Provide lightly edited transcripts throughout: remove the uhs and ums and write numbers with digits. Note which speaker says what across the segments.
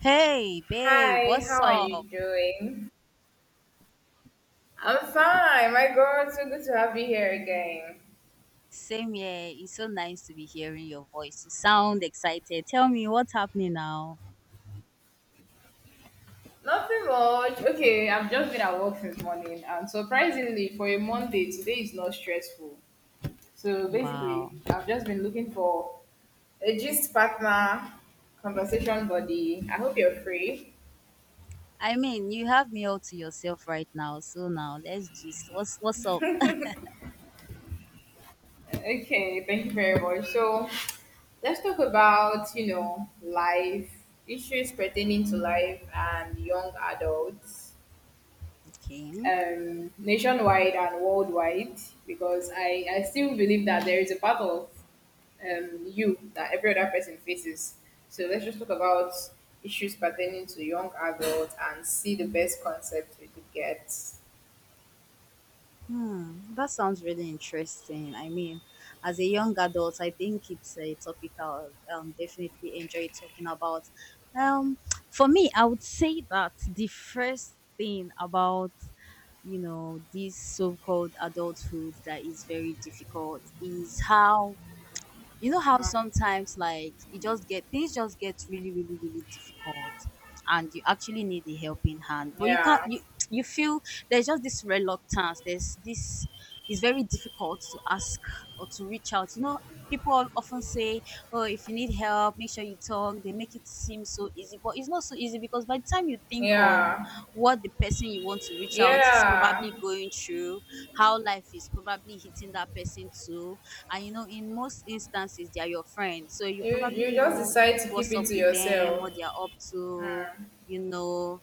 Speaker 1: Hey, babe,
Speaker 2: Hi,
Speaker 1: what's
Speaker 2: how are you
Speaker 1: up?
Speaker 2: doing? I'm fine. My God, so good to have you here again.
Speaker 1: Same here. It's so nice to be hearing your voice. You sound excited. Tell me what's happening now.
Speaker 2: Nothing much. Okay, I've just been at work since morning, and surprisingly, for a Monday, today is not stressful. So basically,
Speaker 1: Wow.
Speaker 2: I've just been looking for a gist partner, conversation buddy. I hope you're free.
Speaker 1: I mean, you have me all to yourself right now. So now let's just what's up?
Speaker 2: Okay, thank you very much. So let's talk about life issues pertaining to life and young adults,
Speaker 1: Okay.
Speaker 2: nationwide and worldwide, because I still believe that there is a part of, you, that every other person faces. So let's just talk about issues pertaining to young adults and see the best concept we could get.
Speaker 1: Hmm, that sounds really interesting. I mean, as a young adult, I think it's a topic I'll definitely enjoy talking about. Um, for me, I would say that the first thing about, you know, this so-called adulthood that is very difficult is how you know how
Speaker 2: Uh,
Speaker 1: sometimes like it just get things just get really difficult, and you actually need a helping hand, but you can't
Speaker 2: Yeah,
Speaker 1: you you feel there's just this reluctance, there's this, it's very difficult to ask or to reach out, you know. People often say, oh, if you need help, make sure you talk. They make it seem so easy, but it's not so easy, because by the time you think of
Speaker 2: yeah,
Speaker 1: what the person you want to reach out is
Speaker 2: yeah.
Speaker 1: probably going through, how life is probably hitting that person too, and you know, in most instances they are your friends, so you
Speaker 2: You
Speaker 1: probably
Speaker 2: you just
Speaker 1: know
Speaker 2: decide to keep
Speaker 1: what's
Speaker 2: it
Speaker 1: up
Speaker 2: to
Speaker 1: with them,
Speaker 2: yourself.
Speaker 1: what they are up to, you know,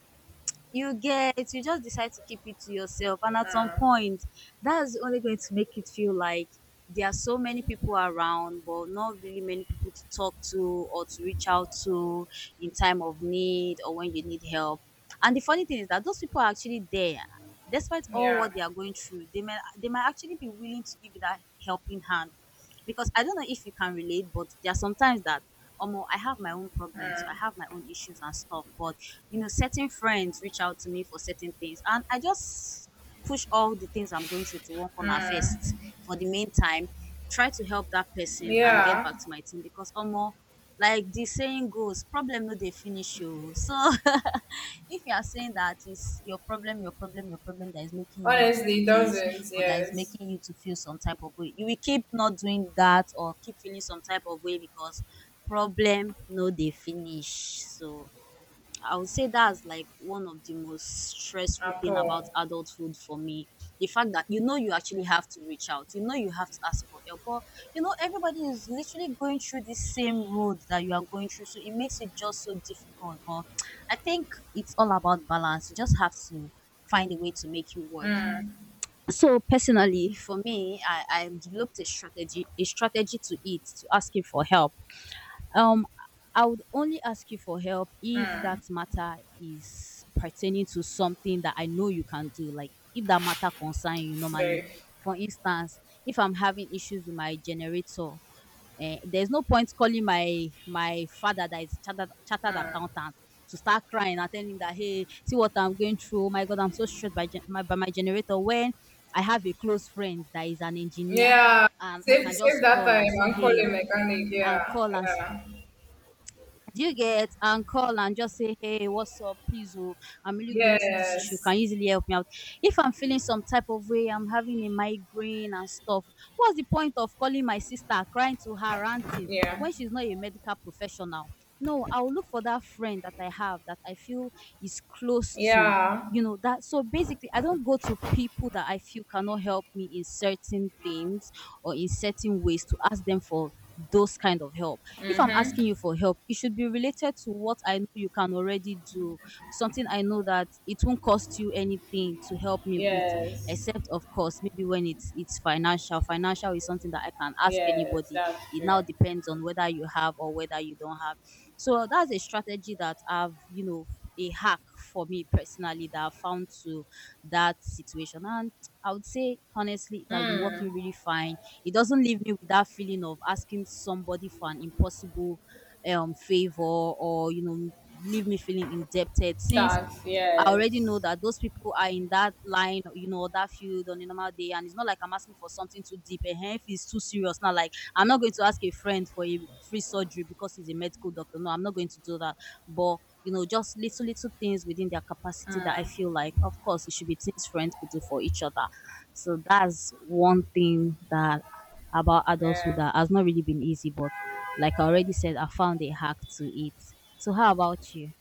Speaker 1: you get, you just decide to keep it to yourself. And at some
Speaker 2: Mm,
Speaker 1: point, that's only going to make it feel like there are so many people around, but not really many people to talk to or to reach out to in time of need or when you need help. And the funny thing is that those people are actually there. Despite all
Speaker 2: yeah,
Speaker 1: what they are going through, they might actually be willing to give you that helping hand. Because I don't know if you can relate, but there are sometimes that Omo, I have my own problems, I have my own issues and stuff, but you know, certain friends reach out to me for certain things, and I just push all the things I'm going through to one corner first. For the meantime, try to help that person and get
Speaker 2: yeah.
Speaker 1: back to my team, because almost like the saying goes, problem no they finish you. So if you are saying that it's your problem that is making you not to do
Speaker 2: Honestly, it
Speaker 1: this
Speaker 2: doesn't.
Speaker 1: or that is
Speaker 2: Yes,
Speaker 1: making you to feel some type of way, you will keep not doing that or keep feeling some type of way because problem no they finish. So I would say that's like one of the most stressful
Speaker 2: at
Speaker 1: thing about
Speaker 2: all.
Speaker 1: adulthood for me. The fact that you know you actually have to reach out, you know you have to ask for help, but you know everybody is literally going through the same road that you are going through, so it makes it just so difficult. But I think it's all about balance. You just have to find a way to make you work. So personally, for me, I developed a strategy, to asking for help. um, I would only ask you for help if that matter is pertaining to something that I know you can do, like if that matter concern you
Speaker 2: It's
Speaker 1: normally.
Speaker 2: very.
Speaker 1: For instance, if I'm having issues with my generator, eh, there's no point calling my father that is chartered accountant to start crying and telling him that hey, see what I'm going through. Oh my God, I'm so stressed by gen- by my generator. When I have a close friend that is an engineer,
Speaker 2: Yeah,
Speaker 1: and I
Speaker 2: save
Speaker 1: can
Speaker 2: save
Speaker 1: just
Speaker 2: that
Speaker 1: call and
Speaker 2: time
Speaker 1: say
Speaker 2: and call a
Speaker 1: hey,
Speaker 2: mechanic.
Speaker 1: and
Speaker 2: Yeah,
Speaker 1: call and
Speaker 2: yeah,
Speaker 1: do you get, and call and just say, hey, what's up? Please, oh, I'm really going through this issue. Can
Speaker 2: yes,
Speaker 1: you easily help me out? If I'm feeling some type of way, I'm having a migraine and stuff, what's the point of calling my sister, crying to her, ranting
Speaker 2: yeah,
Speaker 1: when she's not a medical professional? No, I'll look for that friend that I have that I feel is close to,
Speaker 2: yeah.
Speaker 1: you know, that. So basically, I don't go to people that I feel cannot help me in certain things or in certain ways to ask them for those kind of help. If I'm
Speaker 2: Mhm.
Speaker 1: asking you for help, it should be related to what I know you can already do, something I know that it won't cost you anything to help me with,
Speaker 2: Yes,
Speaker 1: except of course maybe when it's financial. Financial is something that I can ask
Speaker 2: yes,
Speaker 1: anybody.
Speaker 2: that's
Speaker 1: It
Speaker 2: true.
Speaker 1: now depends on whether you have or whether you don't have. So that's a strategy that I've, you know, a hack for me personally that I found to that situation. And I would say honestly, it has been
Speaker 2: Hmm.
Speaker 1: working really fine. It doesn't leave me with that feeling of asking somebody for an impossible favor, or you know, leave me feeling indebted, since
Speaker 2: That's,
Speaker 1: I already know
Speaker 2: yes.
Speaker 1: that those people are in that line, you know, that field on a normal day, and it's not like I'm asking for something too deep. And if it's too serious, now, like I'm not going to ask a friend for a free surgery because he's a medical doctor. No, I'm not going to do that. But you know, just little little things within their capacity that I
Speaker 2: Hmm.
Speaker 1: feel like, of course, it should be things friends could do for each other. So that's one thing that about adulthood
Speaker 2: Yeah.
Speaker 1: that has not really been easy, but like I already said, I found a hack to it. So how about you?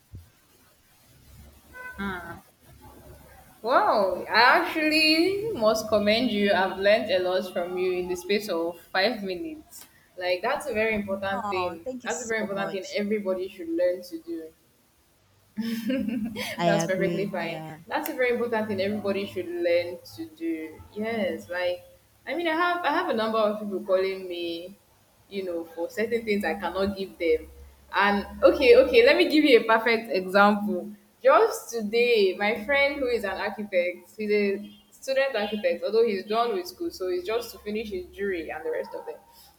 Speaker 2: Wow, I actually must commend you. I've learned a lot from you in the space of 5 minutes. Like, that's a very important
Speaker 1: Oh,
Speaker 2: thing.
Speaker 1: thank you
Speaker 2: That's a
Speaker 1: so
Speaker 2: very important thing
Speaker 1: much.
Speaker 2: everybody should learn to do.
Speaker 1: I
Speaker 2: That's perfectly
Speaker 1: agree.
Speaker 2: fine.
Speaker 1: Yeah.
Speaker 2: That's a very important thing everybody should learn to do. Yes, like, I mean, I have a number of people calling me, you know, for certain things I cannot give them. And okay, let me give you a perfect example. Just today, my friend who is an architect, he's a student architect, although he's done with school, so he's just to finish his jury and the rest of them.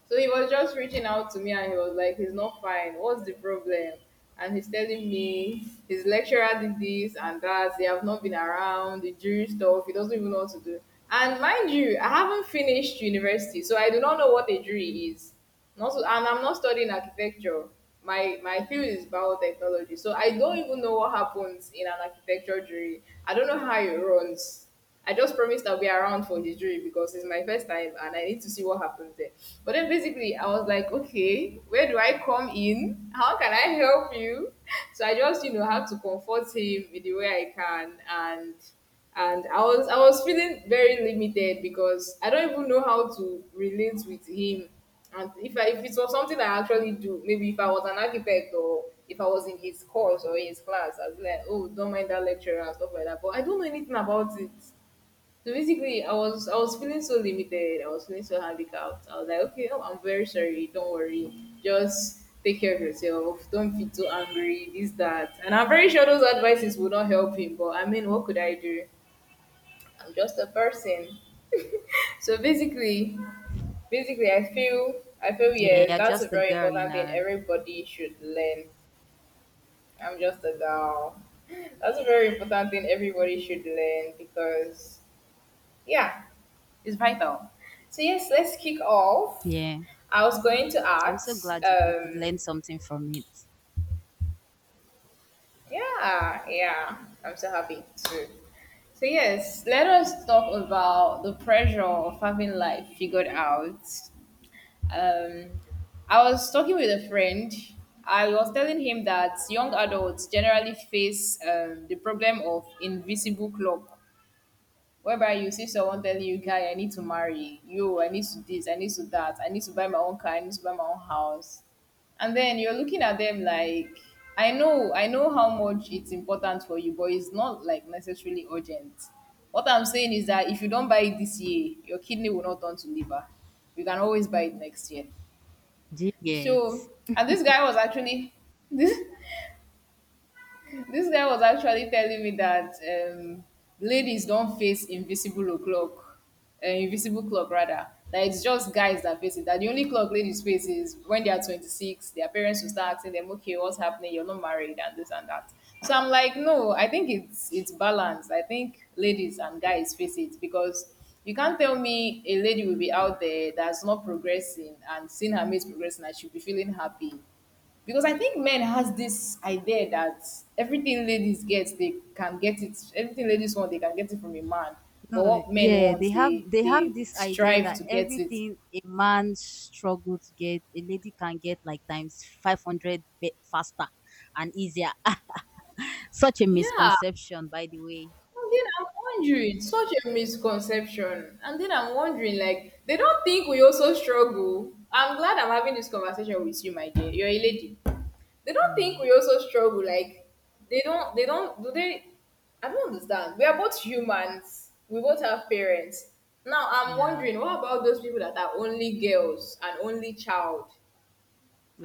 Speaker 2: So he was just reaching out to me and he was like, he's not fine. What's the problem? And he's telling me his lecturer did this and that. They have not been around, the jury stuff. He doesn't even know what to do. And mind you, I haven't finished university, so I do not know what a jury is not to, and I'm not studying architecture. My field is biotechnology, so I don't even know what happens in an architecture jury. I don't know how it runs. I just promised I'll be around for the jury because it's my first time and I need to see what happens there. But then basically, I was like, okay, where do I come in? How can I help you? So I just, you know, had to comfort him in the way I can. And I was feeling very limited because I don't even know how to relate with him. And if it was something I actually do, maybe if I was an architect or if I was in his course or in his class, I'd be like, oh, don't mind that lecturer and stuff like that. But I don't know anything about it. So basically, I was feeling so limited. I was feeling so handicapped. I was like, okay, oh, I'm very sorry. Don't worry. Just take care of yourself. Don't be too angry. This that. And I'm very sure those advices would not help him. But I mean, what could I do? I'm just a person. So basically, I feel
Speaker 1: Yeah,
Speaker 2: yes,
Speaker 1: you're
Speaker 2: that's a
Speaker 1: just a
Speaker 2: very
Speaker 1: girl, you
Speaker 2: important thing
Speaker 1: know.
Speaker 2: everybody should learn. I'm just a girl. That's a very important thing everybody should learn because, yeah, it's vital. So yes, let's kick off.
Speaker 1: Yeah.
Speaker 2: I was going to
Speaker 1: I'm so
Speaker 2: ask.
Speaker 1: glad you could learn something from it.
Speaker 2: Yeah, yeah, I'm so happy too. So yes, let us talk about the pressure of having life figured out. Um, I was talking with a friend. I was telling him that young adults generally face, the problem of invisible clock, whereby you see someone telling you, "Guy, I need to marry you. I need to this. I need to that. I need to buy my own car. I need to buy my own house." And then you're looking at them like, I know how much it's important for you, but it's not like necessarily urgent. What I'm saying is that if you don't buy it this year, your kidney will not turn to liver. You can always buy it next year.
Speaker 1: Do you get?
Speaker 2: So, and this guy was actually, this this guy was actually telling me that, ladies don't face invisible o'clock, invisible clock rather. That it's just guys that face it. That the only clock ladies face is when they are 26. Their parents will start asking them, "Okay, what's happening? You're not married and this and that." So I'm like, no, I think it's balanced. I think ladies and guys face it because you can't tell me a lady will be out there that's not progressing and seeing her mates progressing and she'll be feeling happy, because I think men has this idea that everything ladies get, they can get it. Everything ladies want, they can get it from a man. But
Speaker 1: No,
Speaker 2: what men
Speaker 1: yeah, they
Speaker 2: want,
Speaker 1: have
Speaker 2: they
Speaker 1: they
Speaker 2: they
Speaker 1: have this idea
Speaker 2: strive
Speaker 1: that
Speaker 2: to get it.
Speaker 1: everything a man struggle to get, a lady can get like times 500 bit faster and easier. Such a
Speaker 2: Yeah.
Speaker 1: misconception, by the
Speaker 2: And then I'm wondering, such a misconception. And then I'm wondering, like, they don't think we also struggle. I'm glad I'm having this conversation with you, my dear. You're a lady. They
Speaker 1: way.
Speaker 2: don't think we also struggle, like they don't do they? I don't understand. We are both humans, we both have parents. Now I'm
Speaker 1: Yeah,
Speaker 2: wondering, what about those people that are only girls and only child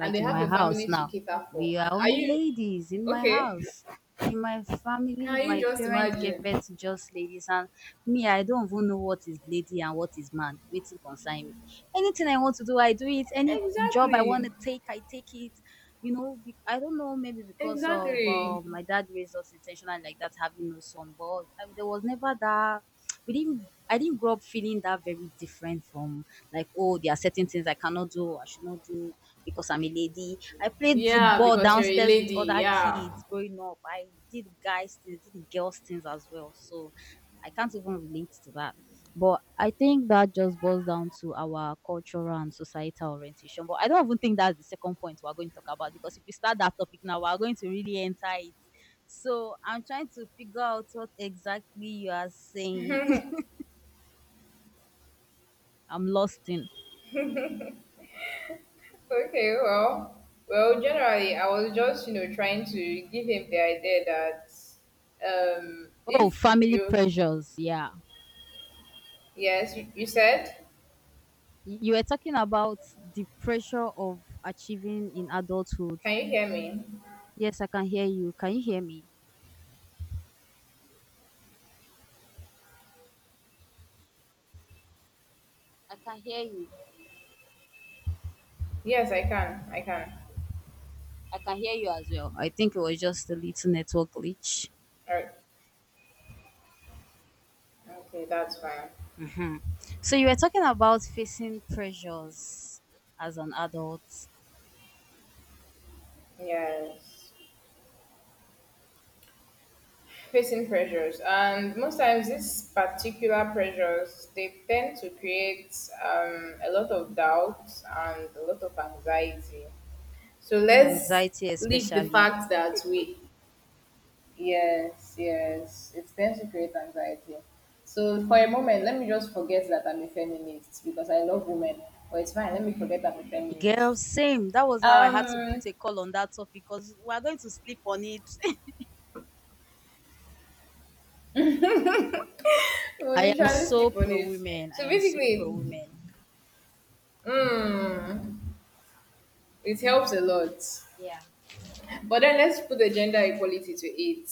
Speaker 2: and they
Speaker 1: in
Speaker 2: have
Speaker 1: my
Speaker 2: a
Speaker 1: house
Speaker 2: family to
Speaker 1: now.
Speaker 2: cater for,
Speaker 1: We
Speaker 2: and
Speaker 1: are
Speaker 2: are
Speaker 1: only
Speaker 2: you
Speaker 1: ladies in my
Speaker 2: okay?
Speaker 1: house. In my family,
Speaker 2: Can you
Speaker 1: my
Speaker 2: just
Speaker 1: parents gave
Speaker 2: imagine?
Speaker 1: birth to just ladies, and me, I don't even know what is lady and what is man. Waiting concern me. Anything I want to do, I do it. Any job I
Speaker 2: Exactly.
Speaker 1: want to take, I take it. You know, be- I don't know, maybe because of
Speaker 2: Exactly.
Speaker 1: my dad raised us intentionally like that, having no son, but I, there was never that. We didn't. I didn't grow up feeling that very different from like, oh, there are certain things I cannot do, I should not do because I'm a lady. I played
Speaker 2: Yeah,
Speaker 1: football
Speaker 2: because you're a
Speaker 1: downstairs with
Speaker 2: lady,
Speaker 1: other
Speaker 2: yeah.
Speaker 1: kids growing up. I did guys things, did girls things as well. So I can't even relate to that. But I think that just boils down to our cultural and societal orientation. But I don't even think that's the second point we're going to talk about, because if we start that topic now, we're going to really enter it. So I'm trying to figure out what exactly you are saying. I'm lost in.
Speaker 2: Okay, well, generally, I was just, you know, trying to give him the idea that,
Speaker 1: Oh,
Speaker 2: if
Speaker 1: family
Speaker 2: you,
Speaker 1: pressures. Yeah,
Speaker 2: you said,
Speaker 1: you were talking about the pressure of achieving in adulthood.
Speaker 2: can you hear me?
Speaker 1: Yes, I can hear you. Can you hear me? I can hear you.
Speaker 2: Yes, I can.
Speaker 1: I can hear you as well. I think it was just a little network glitch.
Speaker 2: All right. Okay, that's fine.
Speaker 1: Hmm. So you were talking about facing pressures as an adult,
Speaker 2: Yes. Facing pressures, and most times these particular pressures, they tend to create, a lot of doubts and a lot of anxiety. So let's
Speaker 1: anxiety
Speaker 2: leave the
Speaker 1: especially.
Speaker 2: fact that we— Yes, yes. It tends to create anxiety. So for a moment, let me just forget that I'm a feminist because I love women. But it's fine, let me forget I'm a feminist.
Speaker 1: Girl, same. That was how I had to
Speaker 2: Um
Speaker 1: put a call on that topic because we are going to sleep on it.
Speaker 2: we'll
Speaker 1: I am
Speaker 2: literally
Speaker 1: so
Speaker 2: sleep on
Speaker 1: pro
Speaker 2: it.
Speaker 1: women. I
Speaker 2: So
Speaker 1: am so pro
Speaker 2: basically,
Speaker 1: women.
Speaker 2: mm, it helps a lot. But then let's put the gender equality to it.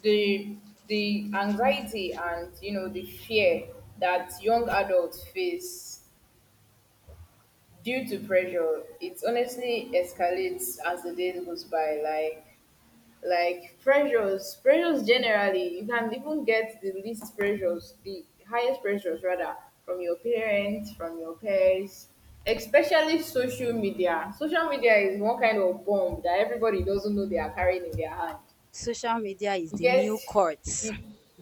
Speaker 2: The the anxiety and, you know, the fear that young adults face due to pressure, it honestly escalates as the day goes by. Like, pressures generally, you can even get the least pressures, the highest pressures rather, from your parents, from your peers, especially social media. Social media is one kind of bomb that everybody doesn't know they are carrying in their hand.
Speaker 1: Social media is
Speaker 2: You
Speaker 1: the
Speaker 2: get,
Speaker 1: new court,
Speaker 2: you,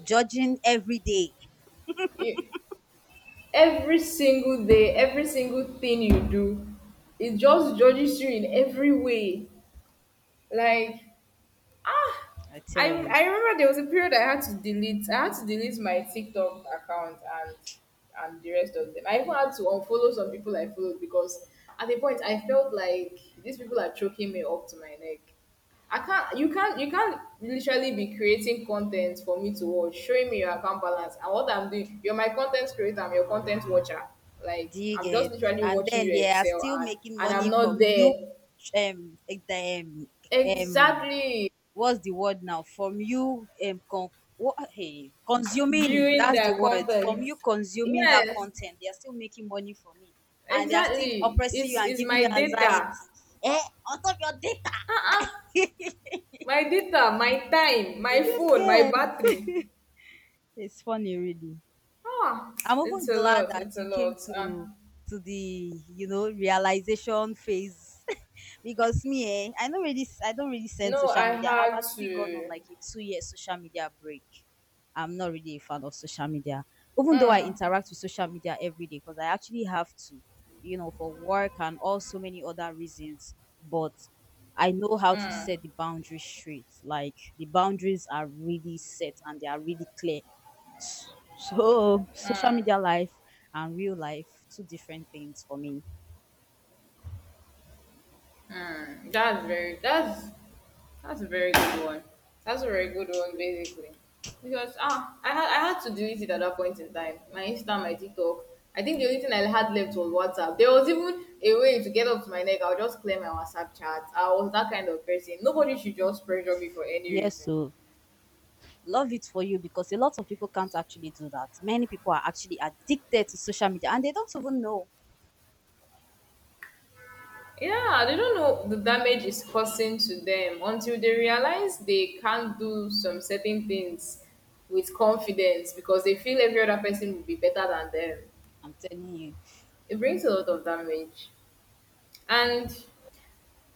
Speaker 1: judging every day.
Speaker 2: you every single day, every single thing you do, it just judges you in every way. Like, ah,
Speaker 1: I
Speaker 2: I
Speaker 1: tell you.
Speaker 2: I remember there was a period I had to delete. I had to delete my TikTok account and the rest of them. I even had to unfollow some people I followed because at a point I felt like these people are choking me up to my neck. I can't. You can't. You can't literally be creating content for me to watch, showing me your account balance and what I'm doing. You're my content creator. I'm your content watcher.
Speaker 1: Do
Speaker 2: Like
Speaker 1: you
Speaker 2: I'm just
Speaker 1: get?
Speaker 2: literally
Speaker 1: And
Speaker 2: watching
Speaker 1: then
Speaker 2: you
Speaker 1: they are
Speaker 2: excel,
Speaker 1: still making
Speaker 2: and I'm
Speaker 1: money
Speaker 2: not
Speaker 1: from you.
Speaker 2: there.
Speaker 1: Um, eh, um, um,
Speaker 2: Exactly.
Speaker 1: what's the word now? From you, con- what, hey, consuming.
Speaker 2: Viewing
Speaker 1: That's
Speaker 2: their
Speaker 1: the word. From
Speaker 2: content.
Speaker 1: you consuming that
Speaker 2: Yes,
Speaker 1: content, they are still making money from it, and they are still
Speaker 2: exactly.
Speaker 1: oppressing you
Speaker 2: Is
Speaker 1: and
Speaker 2: is
Speaker 1: giving you
Speaker 2: my
Speaker 1: anxiety.
Speaker 2: data.
Speaker 1: Eh, on top of your data.
Speaker 2: Uh-uh. My data, my time, my phone, my
Speaker 1: Yes,
Speaker 2: battery.
Speaker 1: it's funny, really.
Speaker 2: Ah,
Speaker 1: I'm
Speaker 2: it's
Speaker 1: even
Speaker 2: a
Speaker 1: glad
Speaker 2: lot.
Speaker 1: that
Speaker 2: It's a
Speaker 1: you came
Speaker 2: lot.
Speaker 1: to the, you know, realization phase, because me eh, I don't really send
Speaker 2: No,
Speaker 1: social
Speaker 2: I
Speaker 1: media. I've
Speaker 2: had
Speaker 1: actually gone on
Speaker 2: to.
Speaker 1: like a 2 year social media break. I'm not really a fan of social media, even though I
Speaker 2: Hmm.
Speaker 1: interact with social media every day because I actually have to, you know, for work and also many other reasons. But I know how to set the boundaries straight. Like the boundaries are really set and they are really clear. S- so, social media life and real life, two different things for me.
Speaker 2: Hmm. That's a very good one. That's a very good one, basically, because ah, I had to delete it at that point in time. My Insta, my TikTok. I think the only thing I had left was WhatsApp. There was even a way to get up to my neck. I'll just clear my WhatsApp chat. I was that kind of person. Nobody should just pressure me for any
Speaker 1: Yes,
Speaker 2: reason.
Speaker 1: so love it for you because a lot of people can't actually do that. Many people are actually addicted to social media and they don't even know.
Speaker 2: Yeah, they don't know the damage is causing to them until they realize they can't do some certain things with confidence because they feel every other person will be better than them.
Speaker 1: I'm telling you.
Speaker 2: It brings a lot of damage. And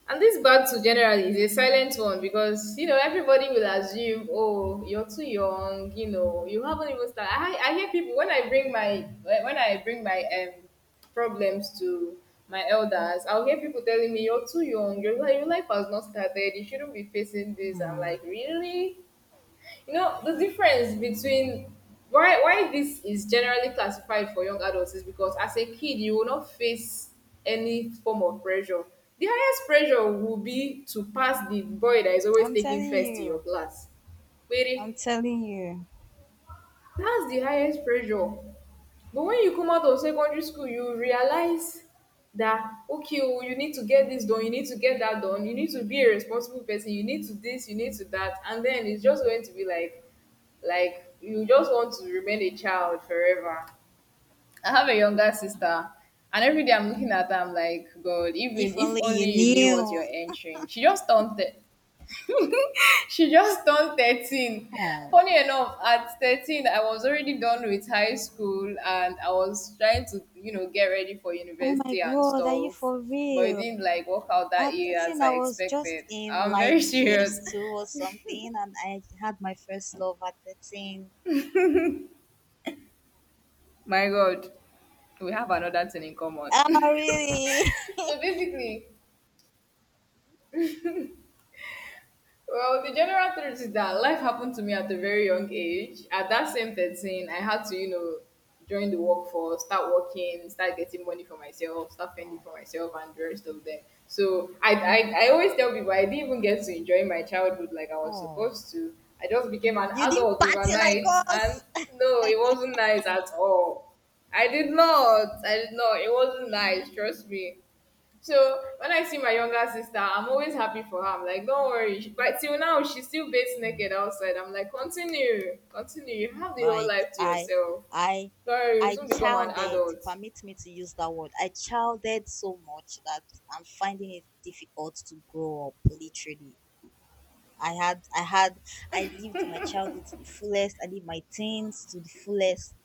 Speaker 2: and this battle generally is a silent one because you know everybody will assume, oh, you're too young, you know, you haven't even started. I hear people when I bring my, problems to my elders, I'll hear people telling me, you're too young, your life has not started, you shouldn't be facing this. I'm like, really? You know, the difference between, why this is generally classified for young adults is because as a kid you will not face any form of pressure. The highest pressure will be to pass the boy that is always taking first in your
Speaker 1: So,
Speaker 2: class. Really? That's the highest pressure. But when you come out of secondary school, you realize that okay, oh, you need to get this done, you need to get that done, you need to be a responsible person, you need to this, you need to that, and then it's just going to be like you just want to remain a child forever. I have a younger sister, and every day I'm looking at her, I'm like, God, Evelyn,
Speaker 1: if
Speaker 2: if
Speaker 1: only you
Speaker 2: only you knew what
Speaker 1: knew.
Speaker 2: you're entering. She just turned she just turned 13.
Speaker 1: Oh,
Speaker 2: Funny enough, at 13, I was already done with high school and I was trying to, you know, get ready for
Speaker 1: oh my
Speaker 2: university and
Speaker 1: God, are you
Speaker 2: stuff.
Speaker 1: for
Speaker 2: But it
Speaker 1: real?
Speaker 2: didn't like work out that
Speaker 1: At
Speaker 2: year as
Speaker 1: 13,
Speaker 2: I
Speaker 1: I was just
Speaker 2: expected.
Speaker 1: in
Speaker 2: I'm
Speaker 1: like
Speaker 2: very serious.
Speaker 1: GS2 or something, and I had my first love at 13.
Speaker 2: My God, we have another thing in common.
Speaker 1: Oh, really?
Speaker 2: So basically, well, the general truth is that life happened to me at a very young age. At that same 13, I had to, you know, join the workforce, start working, start getting money for myself, start fending
Speaker 1: Oh,
Speaker 2: for myself, and the rest of them. So, I always tell people I didn't even get to enjoy my childhood like I was
Speaker 1: oh,
Speaker 2: supposed to. I just became an
Speaker 1: you didn't
Speaker 2: adult
Speaker 1: party like
Speaker 2: overnight,
Speaker 1: us.
Speaker 2: and no, it wasn't nice at all. I did not. I did not. It wasn't nice. Trust me. So when I see my younger sister, I'm always happy for her. I'm like, don't worry. She— But till now, she still bathes naked
Speaker 1: Mm.
Speaker 2: outside. I'm like, continue, continue. You have the whole
Speaker 1: Like
Speaker 2: life to
Speaker 1: I
Speaker 2: yourself.
Speaker 1: I
Speaker 2: Don't worry, you'll
Speaker 1: I
Speaker 2: soon become an
Speaker 1: childed,
Speaker 2: adult.
Speaker 1: permit me to use that word. I childed so much that I'm finding it difficult to grow up, literally. I had I had I lived my childhood to the fullest. I lived my teens to the fullest,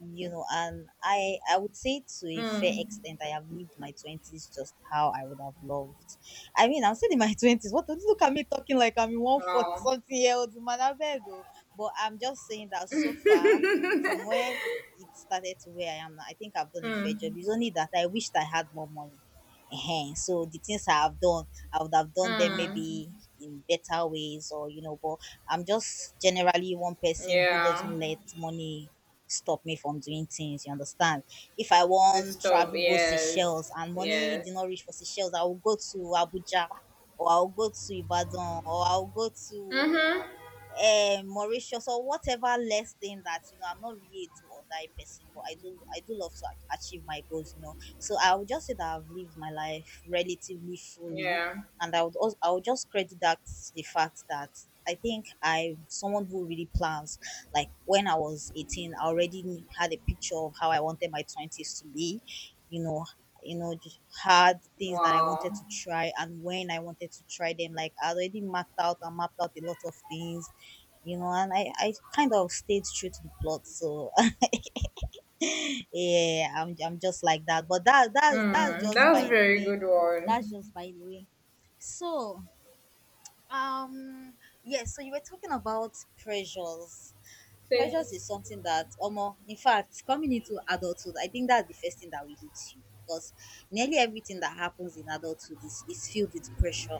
Speaker 1: you know, and I would say to a fair extent I have lived my twenties just how I would have loved. I mean, I'm still in my twenties. What, look at me talking like I'm in 140
Speaker 2: Wow.
Speaker 1: something year old man, I beg oh. But I'm just saying that so far from where it started to where I am now, I think I've done a fair job.
Speaker 2: Hmm.
Speaker 1: It's only that I wished I had more money. Ehen, so the things I have done I would have done them
Speaker 2: Hmm.
Speaker 1: maybe in better ways, or you know, but I'm just generally one person who
Speaker 2: Yeah.
Speaker 1: doesn't let money stop me from doing things, you understand? If I
Speaker 2: This
Speaker 1: want
Speaker 2: stuff.
Speaker 1: travel, go Seychelles
Speaker 2: Yes.
Speaker 1: and money did
Speaker 2: Yes.
Speaker 1: not reach for Seychelles, I will go to Abuja or I'll go to Ibadan or I'll go to
Speaker 2: Mm-hmm.
Speaker 1: Mauritius or whatever less thing that you know I'm not really a do or die person, but I do love to achieve my goals, you know. So I would just say that I've lived my life relatively fully,
Speaker 2: Yeah.
Speaker 1: and I would just credit that to the fact that I think I'm someone who really plans. Like when I was 18, I already had a picture of how I wanted my 20s to be, you know. You know, just had things that I wanted
Speaker 2: Wow.
Speaker 1: to try and when I wanted to try them. Like I already mapped out a lot of things you know, and I kind of stayed true to the plot. So yeah, I'm just like that. But that's
Speaker 2: Hmm.
Speaker 1: just
Speaker 2: That's
Speaker 1: by the
Speaker 2: very
Speaker 1: way.
Speaker 2: good
Speaker 1: That's
Speaker 2: one.
Speaker 1: just by the way. So um yes, so you were talking about pressures.
Speaker 2: Say.
Speaker 1: Pressures is something that omo, in fact coming into adulthood I think that's the first thing that will hit you, because nearly everything that happens in adulthood is filled with pressure.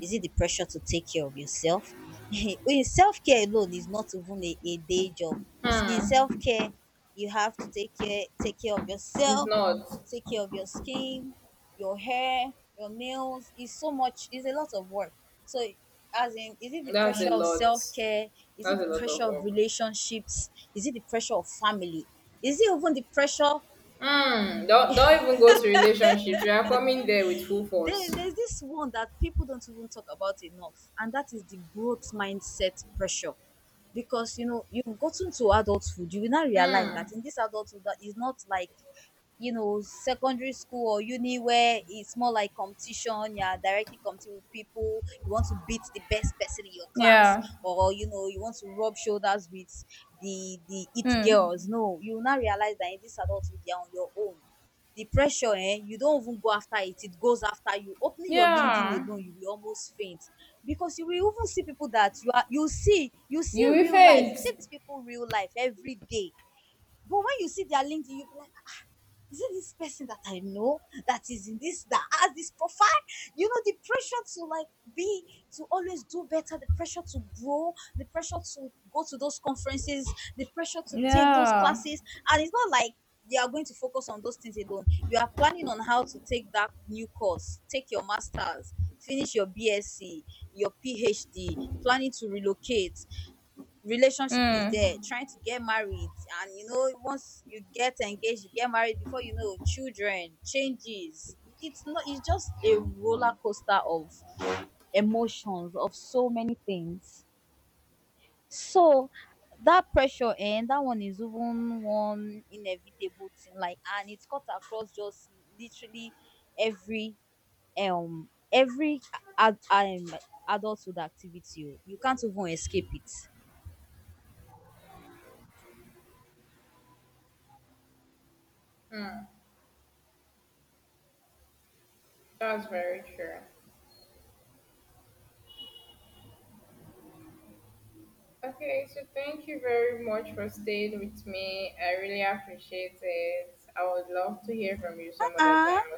Speaker 1: Is it the pressure to take care of yourself? In self-care alone is not even a day job. In
Speaker 2: Hmm.
Speaker 1: self-care, you have to take care of
Speaker 2: It's
Speaker 1: yourself,
Speaker 2: not.
Speaker 1: take care of your skin, your hair, your nails. It's so much, it's a lot of work. So as in, is it the
Speaker 2: That's a
Speaker 1: pressure of
Speaker 2: lot.
Speaker 1: self-care, is it
Speaker 2: That's a
Speaker 1: the
Speaker 2: lot of
Speaker 1: pressure of
Speaker 2: work.
Speaker 1: relationships? Is it the pressure of family? Is it even the pressure?
Speaker 2: Hmm. Don't even go to relationships. We are coming there with full force.
Speaker 1: Then there's this one that people don't even talk about enough, and that is the growth mindset pressure. Because you know, you've gotten to adulthood, you will now realize that in
Speaker 2: Hmm.
Speaker 1: this adulthood that is not like, you know, secondary school or uni where it's more like competition, you're directly competing with people, you want to beat the best person in your class,
Speaker 2: Yeah.
Speaker 1: or you know, you want to rub shoulders with the it
Speaker 2: Hmm.
Speaker 1: girls. No, you will now realize that in this adulthood you're on your own. The pressure, eh, you don't even go after it, it goes after you. Opening your
Speaker 2: Yeah.
Speaker 1: LinkedIn alone, you will almost faint. Because you will even see people that you see, you see
Speaker 2: You will
Speaker 1: real life,
Speaker 2: faint.
Speaker 1: you see these people real life every day. But when you see their LinkedIn, you be like, is it this person that I know that is in this that has this profile? You know, the pressure to be, to always do better, the pressure to grow, the pressure to go to those conferences, the pressure to take those
Speaker 2: Yeah.
Speaker 1: classes. And it's not like you are going to focus on those things alone. You are planning on how to take that new course, take your masters, finish your BSc, your PhD, planning to relocate, relationship is there
Speaker 2: Hmm.
Speaker 1: trying to get married, and you know once you get engaged you get married before you know children changes, it's not, it's just a roller coaster of emotions, of so many things. So that pressure, and that one is even one inevitable thing, like, and it's cut across just literally every um every ad, um adulthood activity oh. You can't even escape it.
Speaker 2: Hmm. That's very true. Okay, so thank you very much for staying with me. I really appreciate it. I would love to hear from you some other time,
Speaker 1: Ah.